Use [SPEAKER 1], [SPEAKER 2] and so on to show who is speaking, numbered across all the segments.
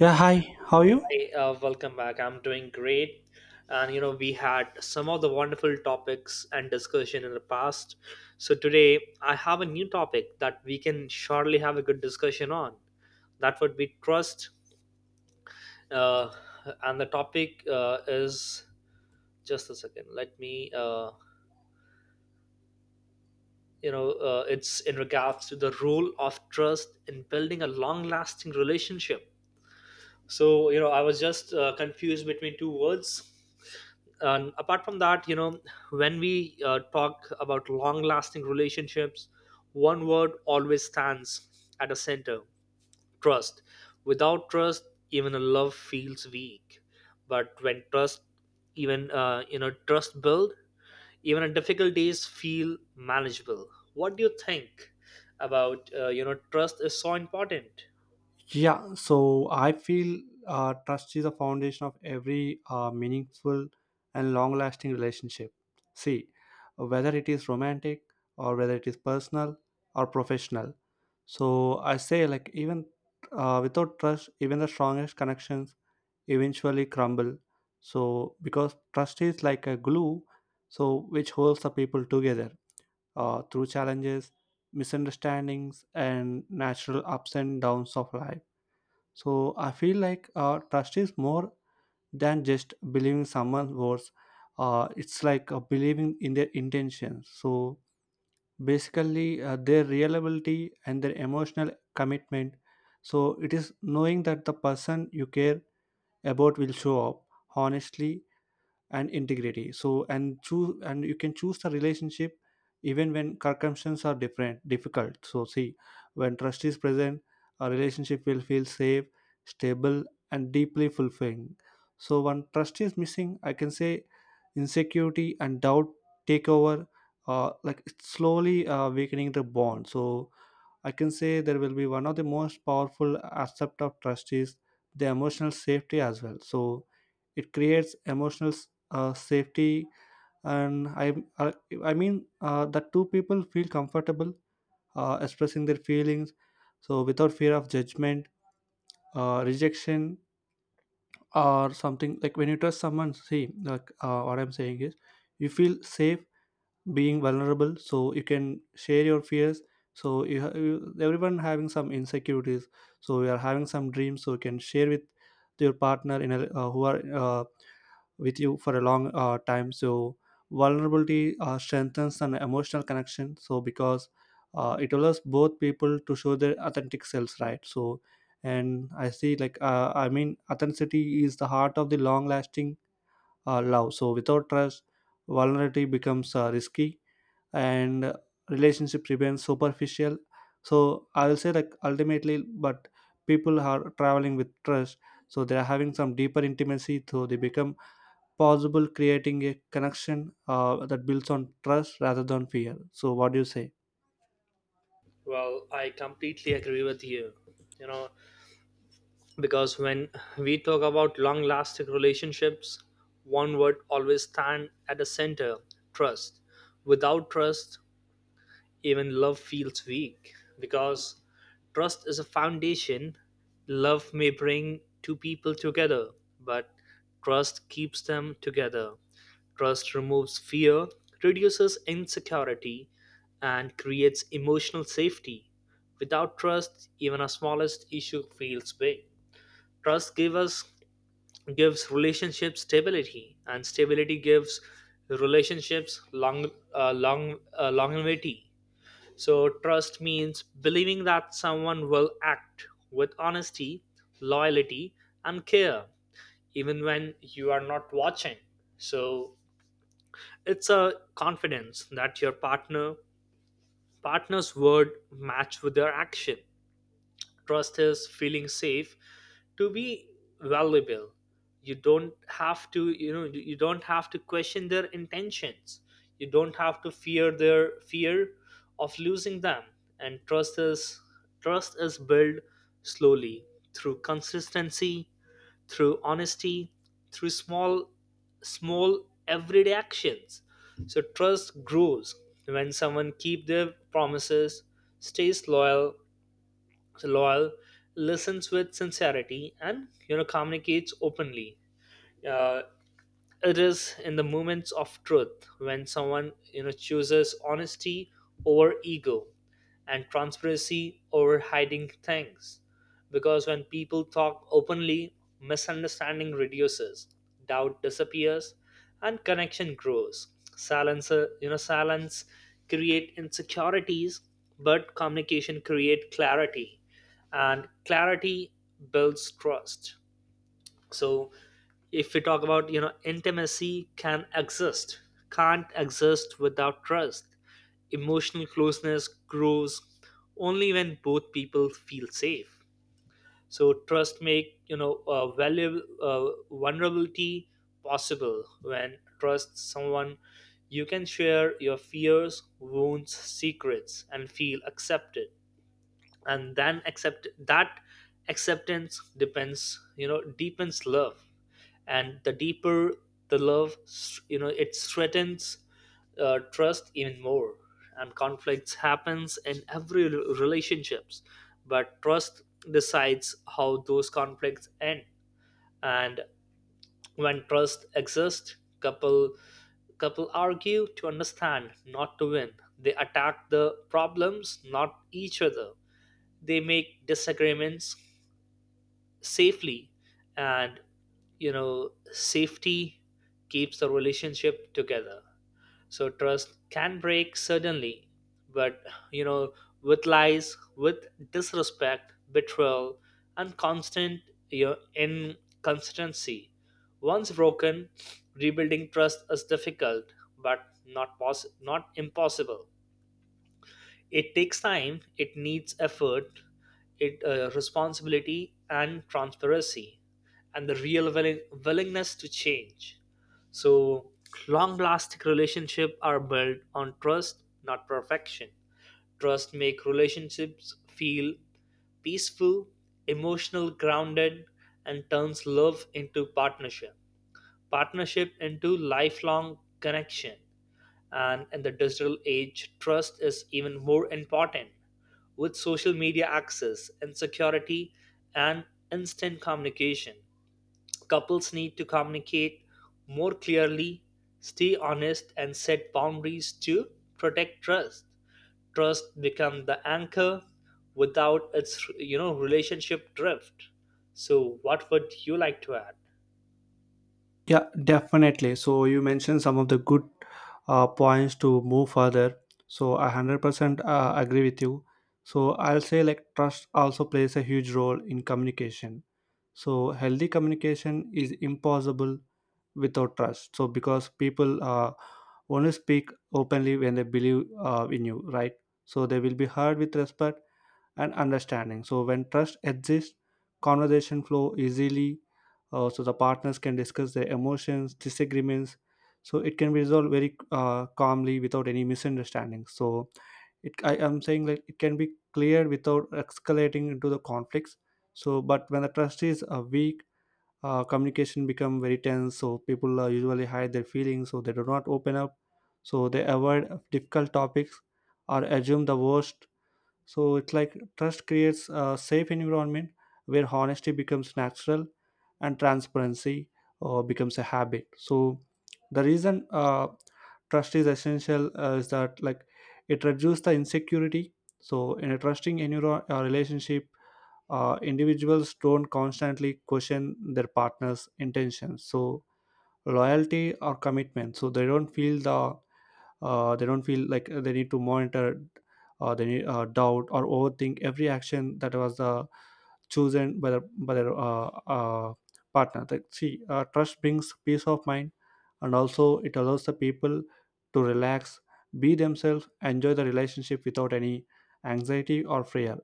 [SPEAKER 1] Yeah, hi. How are you?
[SPEAKER 2] Hey, welcome back. I'm doing great. And you know, we had some of the wonderful topics and discussion in the past. So today I have a new topic that we can surely have a good discussion on. That would be trust. Uh, and the topic is just a second. Let me, it's in regards to the role of trust in building a long lasting relationship. So, you know, I was just confused between two words. And apart from that, you know, when we talk about long lasting relationships, one word always stands at the center trust. Without trust, even a love feels weak. But when trust, even, trust build, even our difficult days feel manageable. What do you think about, trust is so important?
[SPEAKER 1] Yeah, so I feel trust is the foundation of every meaningful and long lasting relationship. See, whether it is romantic or whether it is personal or professional. So I say, like, even without trust, even the strongest connections eventually crumble. So, because trust is like a glue, so which holds the people together through challenges, misunderstandings, and natural ups and downs of life. So I feel like trust is more than just believing someone's words. It's like believing in their intentions. So basically, their reliability and their emotional commitment. So it is knowing that the person you care about will show up honestly and integrity, so and choose, and you can choose the relationship even when circumstances are different difficult. So see, when trust is present, a relationship will feel safe, stable, and deeply fulfilling. So when trust is missing, I can say insecurity and doubt take over, like it's slowly weakening the bond. So I can say there will be one of the most powerful aspect of trust is the emotional safety as well. So it creates emotional safety, and I mean that two people feel comfortable expressing their feelings, so without fear of judgment, rejection, or something, like when you trust someone. See, like what I'm saying is, you feel safe being vulnerable, so you can share your fears, so you everyone having some insecurities, so you are having some dreams, so you can share with your partner in a, who are with you for a long time. So vulnerability strengthens an emotional connection, so because it allows both people to show their authentic selves, right? So and I see like I mean authenticity is the heart of the long lasting love. So without trust, vulnerability becomes risky, and relationship remains superficial. So I will say, like, ultimately but people are traveling with trust, so they are having some deeper intimacy, so they become possible creating a connection that builds on trust rather than fear. So what do you say?
[SPEAKER 2] Well, I completely agree with you. You know, because when we talk about long lasting relationships, one word always stand at the center trust. Without trust, even love feels weak because trust is a foundation. Love may bring two people together, but trust keeps them together. Trust removes fear, reduces insecurity, and creates emotional safety. Without trust, even our smallest issue feels big. Trust gives us gives relationship stability, and stability gives relationships longevity. So, trust means believing that someone will act with honesty, loyalty, and care, even when you are not watching. So, it's a confidence that your partner's word match with their action. Trust is feeling safe to be valuable. You don't have to question their intentions. You don't have to fear their fear of losing them. And trust is built slowly through consistency, through honesty, through small everyday actions. So trust grows when someone keep their promises, stays loyal, listens with sincerity, and you know communicates openly. Uh, it is in the moments of truth when someone you know chooses honesty over ego and transparency over hiding things, because when people talk openly, misunderstanding reduces, doubt disappears, and connection grows. Silence, silence create insecurities, but communication create clarity, and clarity builds trust. So if we talk about you know intimacy can exist, can't exist without trust. Emotional closeness grows only when both people feel safe, so trust make you know valuable vulnerability possible. When trust someone, you can share your fears, wounds, secrets and feel accepted, and then accept that acceptance depends you know deepens love, and the deeper the love you know it strengthens trust even more. And conflicts happens in every relationships, but trust decides how those conflicts end. And when trust exists couple argue to understand, not to win. They attack the problems, not each other. They make disagreements safely, and you know safety keeps the relationship together. So trust can break suddenly, but you know with lies, with disrespect, betrayal, and constant you know inconsistency. Once broken, rebuilding trust is difficult but not impossible. It takes time, it needs effort, it responsibility and transparency, and the real willingness to change. So long lasting relationship are built on trust, not perfection. Trust make relationships feel peaceful, emotional grounded, and turns love into partnership. Partnership into lifelong connection. And in the digital age, trust is even more important with social media access, insecurity, and instant communication. Couples need to communicate more clearly, stay honest, and set boundaries to protect trust. Trust become the anchor without its you know relationship drift. So what would you like to add?
[SPEAKER 1] Yeah, definitely. So you mentioned some of the good points to move further, so I 100% agree with you. So I'll say, like, trust also plays a huge role in communication. So healthy communication is impossible without trust, so because people only speak openly when they believe in you, right? So they will be heard with respect and understanding. So when trust exists, conversation flow easily, so the partners can discuss their emotions disagreements, so it can be resolved very calmly without any misunderstanding. So it, I am saying like, it can be cleared without escalating into the conflicts. So but when the trust is weak, communication become very tense. So people usually hide their feelings, so they do not open up, so they avoid difficult topics or assume the worst. So it's like trust creates a safe environment where honesty becomes natural and transparency becomes a habit. So the reason trust is essential is that, like, it reduces the insecurity. So in a trusting relationship, individuals don't constantly question their partner's intentions, so loyalty or commitment. So they don't feel the, they don't feel like they need to monitor, they need, doubt or overthink every action that was chosen by their partner. Like, see trust brings peace of mind, and also it allows the people to relax, be themselves, enjoy the relationship without any anxiety or fear.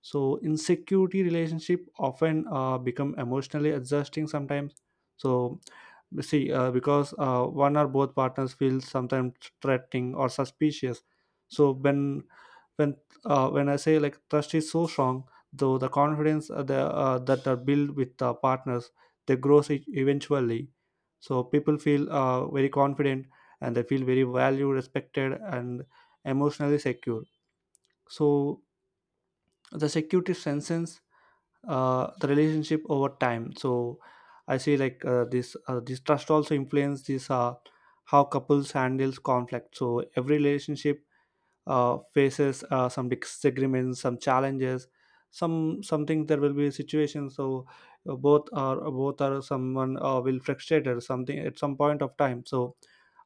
[SPEAKER 1] So insecurity relationship often become emotionally exhausting sometimes. So see because one or both partners feel sometimes threatening or suspicious. So when when I say, like, trust is so strong though, the confidence, that are built with the partners, they grows eventually. So people feel very confident, and they feel very valued, respected, and emotionally secure. So the security sense, the relationship over time. So I see, like, this trust also influence this, how couples handles conflict. So every relationship faces some disagreements, some challenges, some something, there will be situations. So both are someone will frustrated something at some point of time. So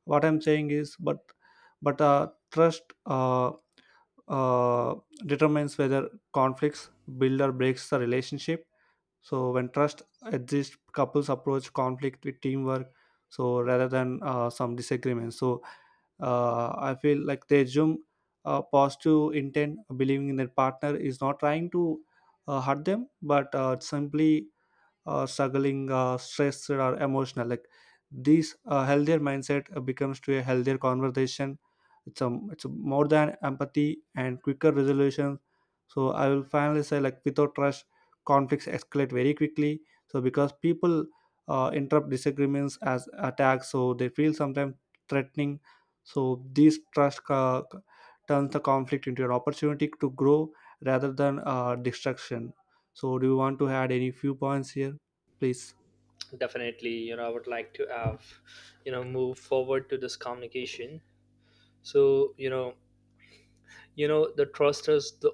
[SPEAKER 1] what I'm saying is, but but trust uh, determines whether conflicts build or breaks the relationship. So when trust exists, couples approach conflict with teamwork. So rather than some disagreements, so I feel like they assume positive intent, believing in their partner is not trying to hurt them, but simply struggling, stressed, or emotional. Like these healthier mindset becomes to a healthier conversation. It's a more than empathy and quicker resolution. So I will finally say, like, without trust, conflicts escalate very quickly. So because people interrupt disagreements as attacks, so they feel sometimes threatening. So this trust turns the conflict into an opportunity to grow rather than destruction. So, do you want to add any few points here? Please.
[SPEAKER 2] Definitely, you know, I would like to have you know move forward to this communication. So, you know the trust is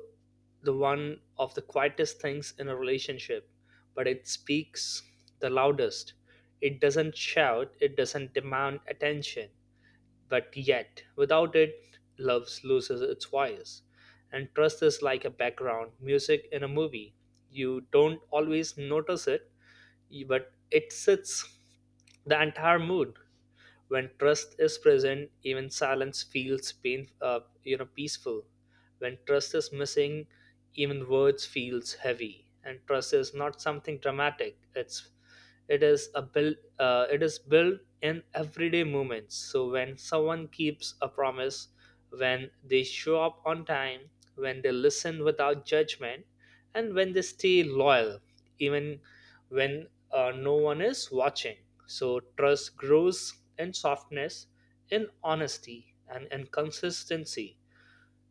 [SPEAKER 2] the one of the quietest things in a relationship, but it speaks the loudest. It doesn't shout, it doesn't demand attention, but yet without it love loses its voice. And trust is like a background music in a movie. You don't always notice it, but it sets the entire mood. When trust is present, even silence feels pain, peaceful. When trust is missing, even words feels heavy. And trust is not something dramatic. It's it is a build it is built in everyday moments. So when someone keeps a promise, when they show up on time, when they listen without judgment, and when they stay loyal, even when no one is watching, so trust grows in softness, in honesty, and in consistency.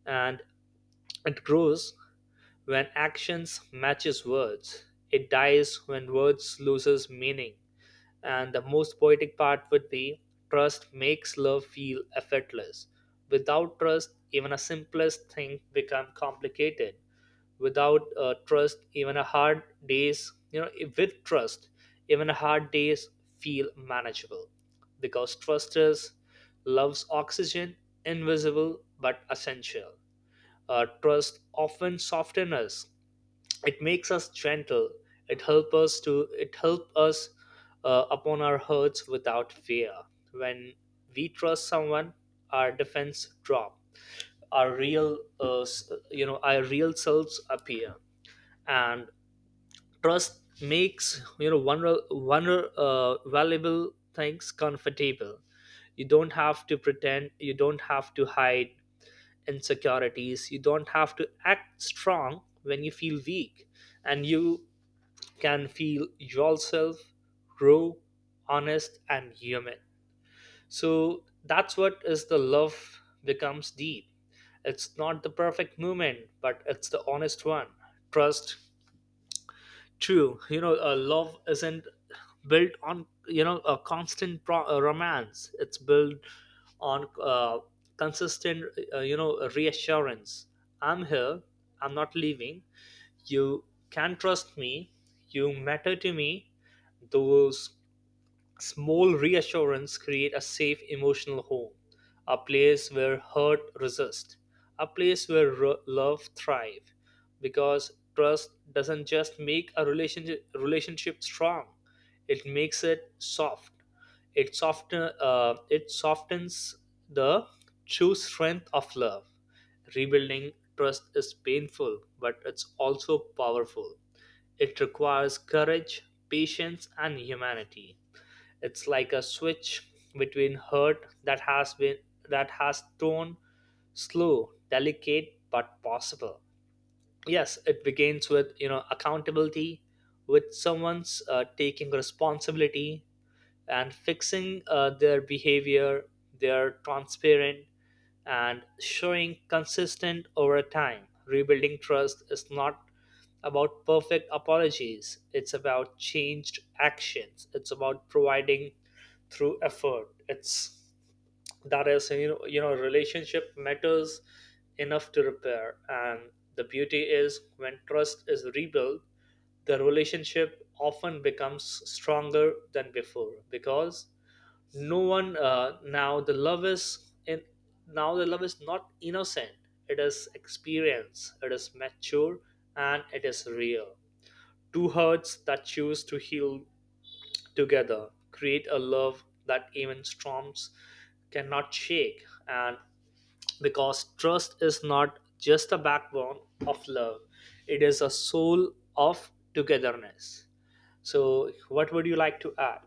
[SPEAKER 2] And it grows when actions matches words. It dies when words loses meaning. And the most poetic part would be trust makes love feel effortless. Without trust, even a simplest thing become complicated. Without trust, even a hard days, you know, with trust, even a hard days feel manageable because trust is love's oxygen, invisible but essential. Trust often softens us. It makes us gentle. It help us to it help us upon our hurts without fear. When we trust someone, our defense drop, our real our real selves appear. And trust makes you know valuable things comfortable. You don't have to pretend, you don't have to hide insecurities, you don't have to act strong when you feel weak, and you can feel yourself raw, honest, and human. So that's what is the love becomes deep. It's not the perfect moment, but it's the honest one. Trust, true. You know, love isn't built on you know a constant romance. It's built on consistent, reassurance. I'm here. I'm not leaving. You can trust me. You matter to me. Those small reassurance create a safe emotional home, a place where hurt resist, a place where love thrive, because trust doesn't just make a relationship strong, it makes it soft. It soften it softens the true strength of love. Rebuilding trust is painful, but it's also powerful. It requires courage, patience, and humanity. It's like a switch between hurt that has been that has turned slow, delicate but possible. Yes, it begins with you know accountability, with someone's taking responsibility and fixing their behavior. They are transparent and showing consistent over time. Rebuilding trust is not about perfect apologies, it's about changed actions, it's about providing through effort. It's that is you know relationship matters enough to repair. And the beauty is when trust is rebuilt, the relationship often becomes stronger than before, because no one now the love is not innocent, it is experience, it is mature, and it is real. Two hearts that choose to heal together create a love that even storms cannot shake. And because trust is not just the backbone of love, it is a soul of togetherness. So what would you like to add?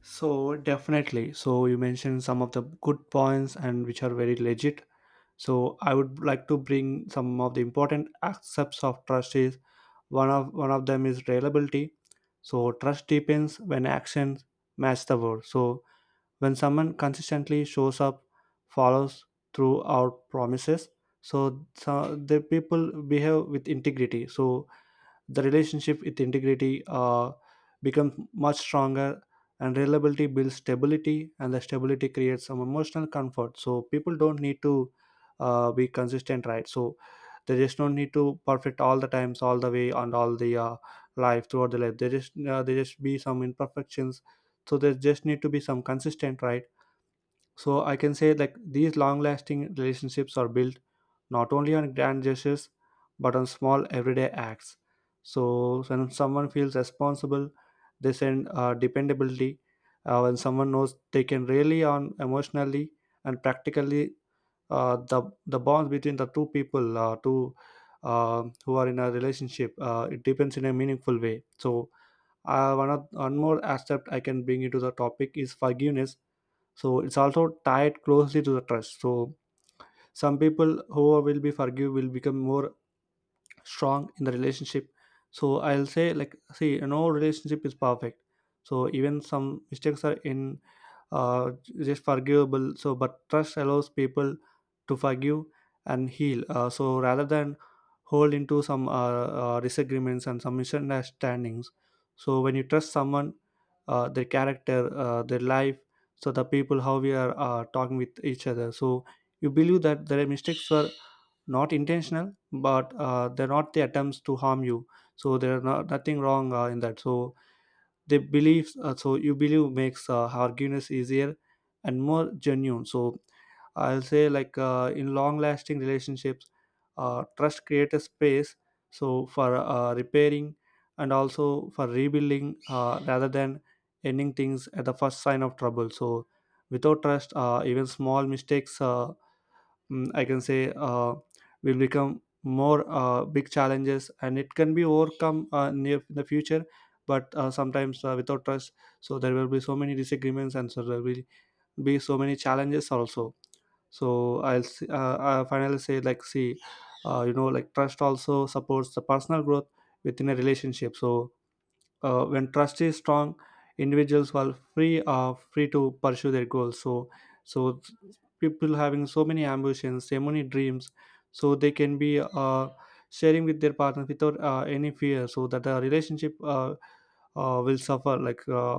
[SPEAKER 1] So definitely, so you mentioned some of the good points, and which are very legit. So I would like to bring some of the important aspects of trust is one of them is reliability. So trust deepens when actions match the word. So when someone consistently shows up, follows through our promises, so, so the people behave with integrity, so the relationship with integrity becomes much stronger. And reliability builds stability, and the stability creates some emotional comfort. So people don't need to be consistent, right? So they just don't need to perfect all the times, all the way, and all the life throughout the life. They just they just be some imperfections, so there just need to be some consistent, right? So I can say, like, these long-lasting relationships are built not only on grand gestures but on small everyday acts. So when someone feels responsible, they send dependability. When someone knows they can rely on emotionally and practically, the bonds between the two people, two who are in a relationship, it depends in a meaningful way. So one more aspect I can bring into the topic is forgiveness, so it's also tied closely to the trust. So some people who will be forgive will become more strong in the relationship. So I'll say, like, see, no relationship is perfect. So even some mistakes are in uh, just forgivable. So but trust allows people to forgive and heal, so rather than hold into some disagreements and some misunderstandings. So when you trust someone, their character, their life, so the people how we are talking with each other. So you believe that their mistakes were not intentional, but they're not the attempts to harm you. So there's not, nothing wrong in that. So they believe, so you believe, makes forgiveness easier and more genuine. So I'll say, like, in long lasting relationships, trust creates a space, so for repairing and also for rebuilding, rather than ending things at the first sign of trouble. So without trust, even small mistakes, I can say, will become more big challenges, and it can be overcome near in the future. But sometimes without trust, so there will be so many disagreements, and so there will be so many challenges also. So I'll finally say, like, see, you know, like, trust also supports the personal growth within a relationship. So when trust is strong, individuals are free to pursue their goals. So so people having so many ambitions, so many dreams, so they can be sharing with their partner without any fear, so that the relationship, will suffer, like,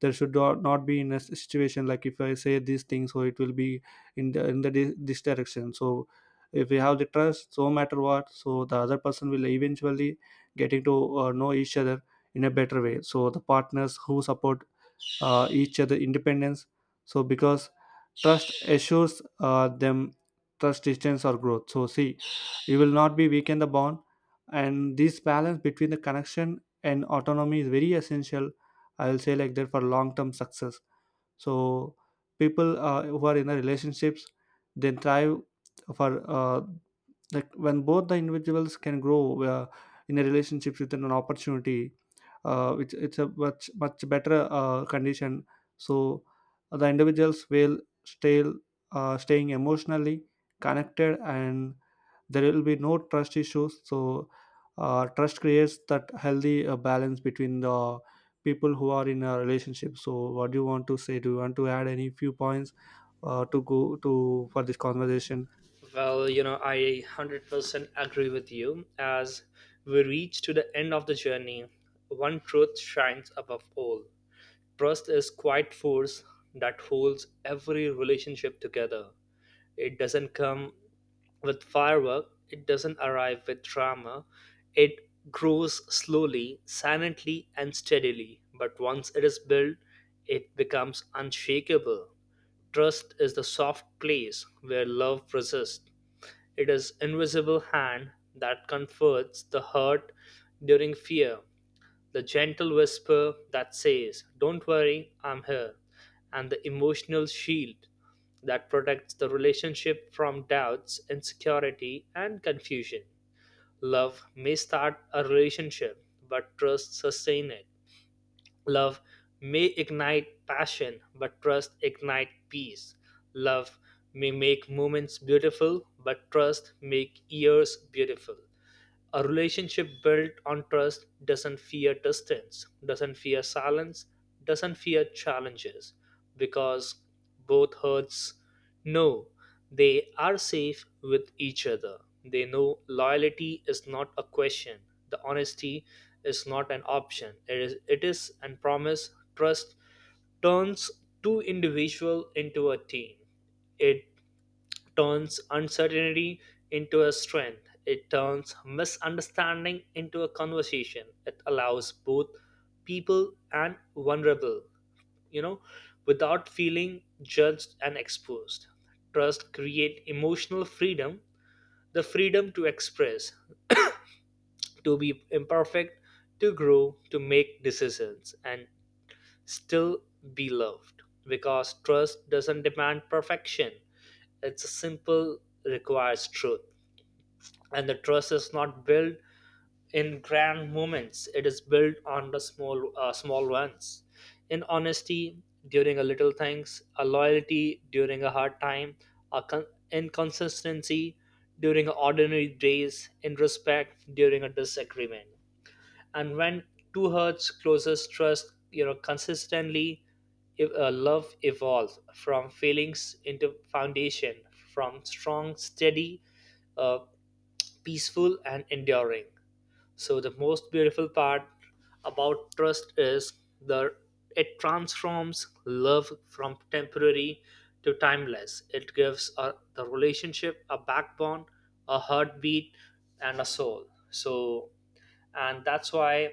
[SPEAKER 1] there should not be in a situation like, if I say these things, so it will be in the this direction. So if we have the trust, so matter what, so the other person will eventually getting to know each other in a better way. So the partners who support each other independence, so because trust assures them, trust distance or growth. So see, you will not be weaken the bond, and this balance between the connection and autonomy is very essential. I will say, like, that for long term success, so people who are in the relationships, they thrive for, like, when both the individuals can grow in a relationship with an opportunity, which it's a much much better condition. So the individuals will stay Staying emotionally connected, and there will be no trust issues. So trust creates that healthy balance between the people who are in a relationship. So what do you want to say? Do you want to add any few points to go to for this conversation?
[SPEAKER 2] Well, you know, I 100% agree with you. As we reach to the end of the journey, one truth shines above all: trust is quiet force that holds every relationship together. It doesn't come with firework, it doesn't arrive with drama. It grows slowly, silently, and steadily. But once it is built, it becomes unshakable. Trust is the soft place where love resists. It is invisible hand that comforts the hurt during fear, the gentle whisper that says, "Don't worry, I'm here," and the emotional shield that protects the relationship from doubts, insecurity, and confusion. Love may start a relationship, but trust sustain it. Love may ignite passion, but trust ignite peace. Love may make moments beautiful, but trust make years beautiful. A relationship built on trust doesn't fear distance, doesn't fear silence, doesn't fear challenges, because both hearts know they are safe with each other. They know loyalty is not a question, the honesty is not an option. It is and promise. Trust turns two individual into a team. It turns uncertainty into a strength. It turns misunderstanding into a conversation. It allows both people and vulnerable, you know, without feeling judged and exposed. Trust create emotional freedom, the freedom to express, to be imperfect, to grow, to make decisions, and still be loved. Because trust doesn't demand perfection. It's simple, requires truth. And the trust is not built in grand moments, it is built on the small ones, in honesty during a little things, a loyalty during a hard time, a inconsistency during ordinary days, in respect during a disagreement. And when two hearts closest trust you know consistently, if, love evolves from feelings into foundation, from strong steady uh peaceful and enduring. So the most beautiful part about trust is the it transforms love from temporary to timeless. It gives a, the relationship a backbone, a heartbeat, and a soul. So and that's why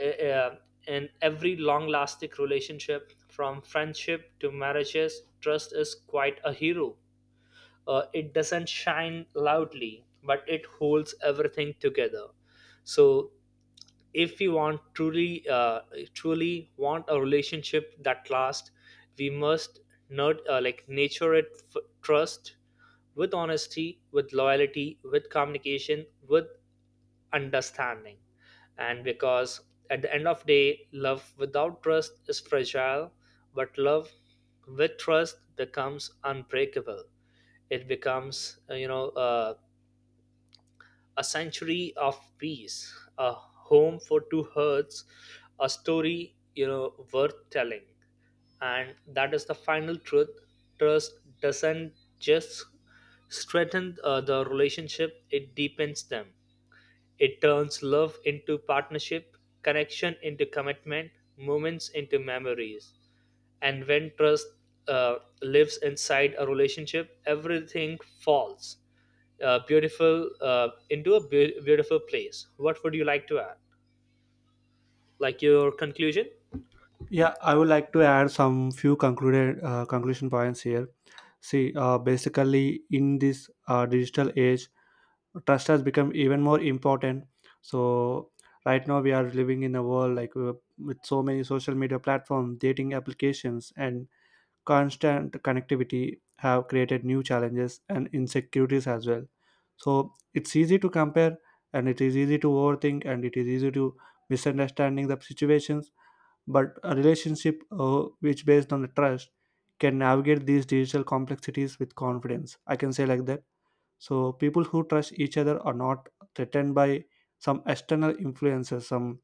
[SPEAKER 2] uh, uh, in every long-lasting relationship, from friendship to marriages, trust is quite a hero. It doesn't shine loudly but it holds everything together. So if we want truly want a relationship that lasts, we must not like nature trust with honesty, with loyalty, with communication, with understanding. And because at the end of day love without trust is fragile, but love with trust becomes unbreakable. It becomes, a sanctuary of peace, a home for two hearts, a story, you know, worth telling. And that is the final truth. Trust doesn't just strengthen the relationship, it deepens them. It turns love into partnership, connection into commitment, moments into memories. And when trust uh, lives inside a relationship, everything falls beautiful into a beautiful place. What would you like to add, like your conclusion?
[SPEAKER 1] Yeah, I would like to add some few concluded conclusion points here. See, basically, in this digital age, trust has become even more important. So, right now we are living in a world like with so many social media platforms, dating applications, and constant connectivity have created new challenges and insecurities as well. So, it's easy to compare, and it is easy to overthink, and it is easy to misunderstanding the situations, but a relationship which based on the trust can navigate these digital complexities with confidence, I can say like that. So people who trust each other are not threatened by some external influences, some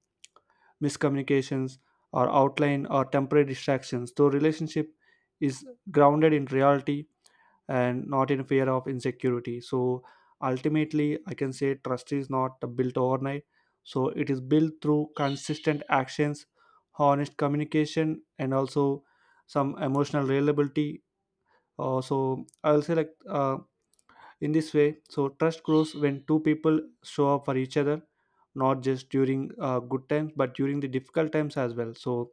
[SPEAKER 1] miscommunications or outline or temporary distractions. So relationship is grounded in reality and not in fear of insecurity. So ultimately, I can say trust is not built overnight. So it is built through consistent actions, honest communication, and also some emotional reliability. So I'll say like in this way. So trust grows when two people show up for each other, not just during good times, but during the difficult times as well. So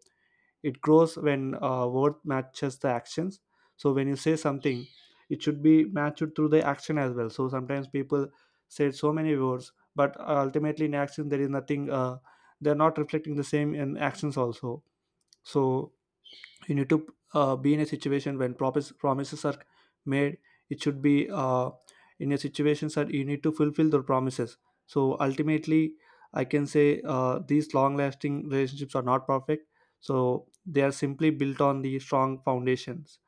[SPEAKER 1] it grows when word matches the actions. So when you say something, it should be matched through the action as well. So sometimes people said so many words, but ultimately in action there is nothing, they're not reflecting the same in actions also. So you need to be in a situation when promises are made, it should be in a situation that you need to fulfill the promises. So ultimately I can say these long lasting relationships are not perfect. So they are simply built on the strong foundations.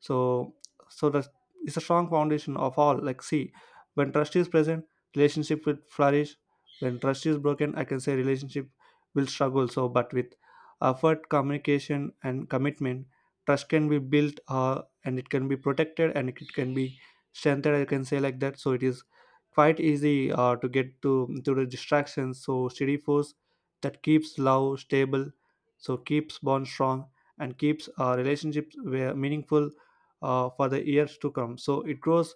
[SPEAKER 1] So, so that is a strong foundation of all. Like, see, when trust is present, relationship will flourish. When trust is broken, I can say relationship will struggle. So, but with effort, communication and commitment, trust can be built, and it can be protected and it can be strengthened, I can say like that. So it is quite easy to get to the distractions. So steady force that keeps love stable, so keeps bond strong, and keeps our relationships where meaningful for the years to come. So it grows,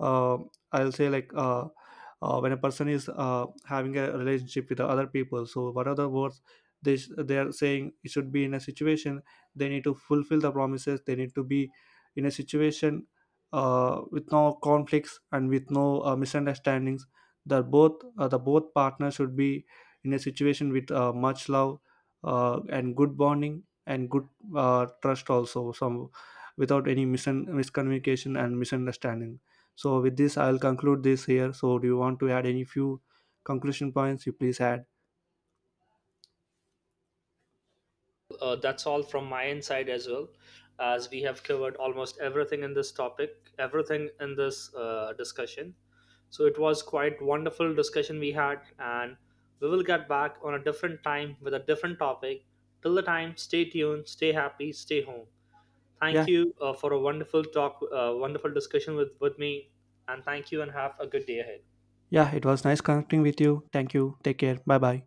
[SPEAKER 1] uh, I'll say like when a person is having a relationship with the other people. So what are the words they are saying, it should be in a situation they need to fulfill the promises. They need to be in a situation with no conflicts and with no misunderstandings, that both the both partners should be in a situation with much love and good bonding and good trust also, some without any miscommunication and misunderstanding. So with this I'll conclude this here. So do you want to add any few conclusion points? You please add.
[SPEAKER 2] That's all from my inside as well. As we have covered almost everything in this topic, everything in this discussion, so it was quite wonderful discussion we had, and we will get back on a different time with a different topic. Till the time, stay tuned, stay happy, stay home.
[SPEAKER 1] yeah
[SPEAKER 2] Thank you for a wonderful talk, wonderful discussion with me, and thank you and have a good day ahead.
[SPEAKER 1] yeah, it was nice connecting with you. Thank you, take care, bye bye.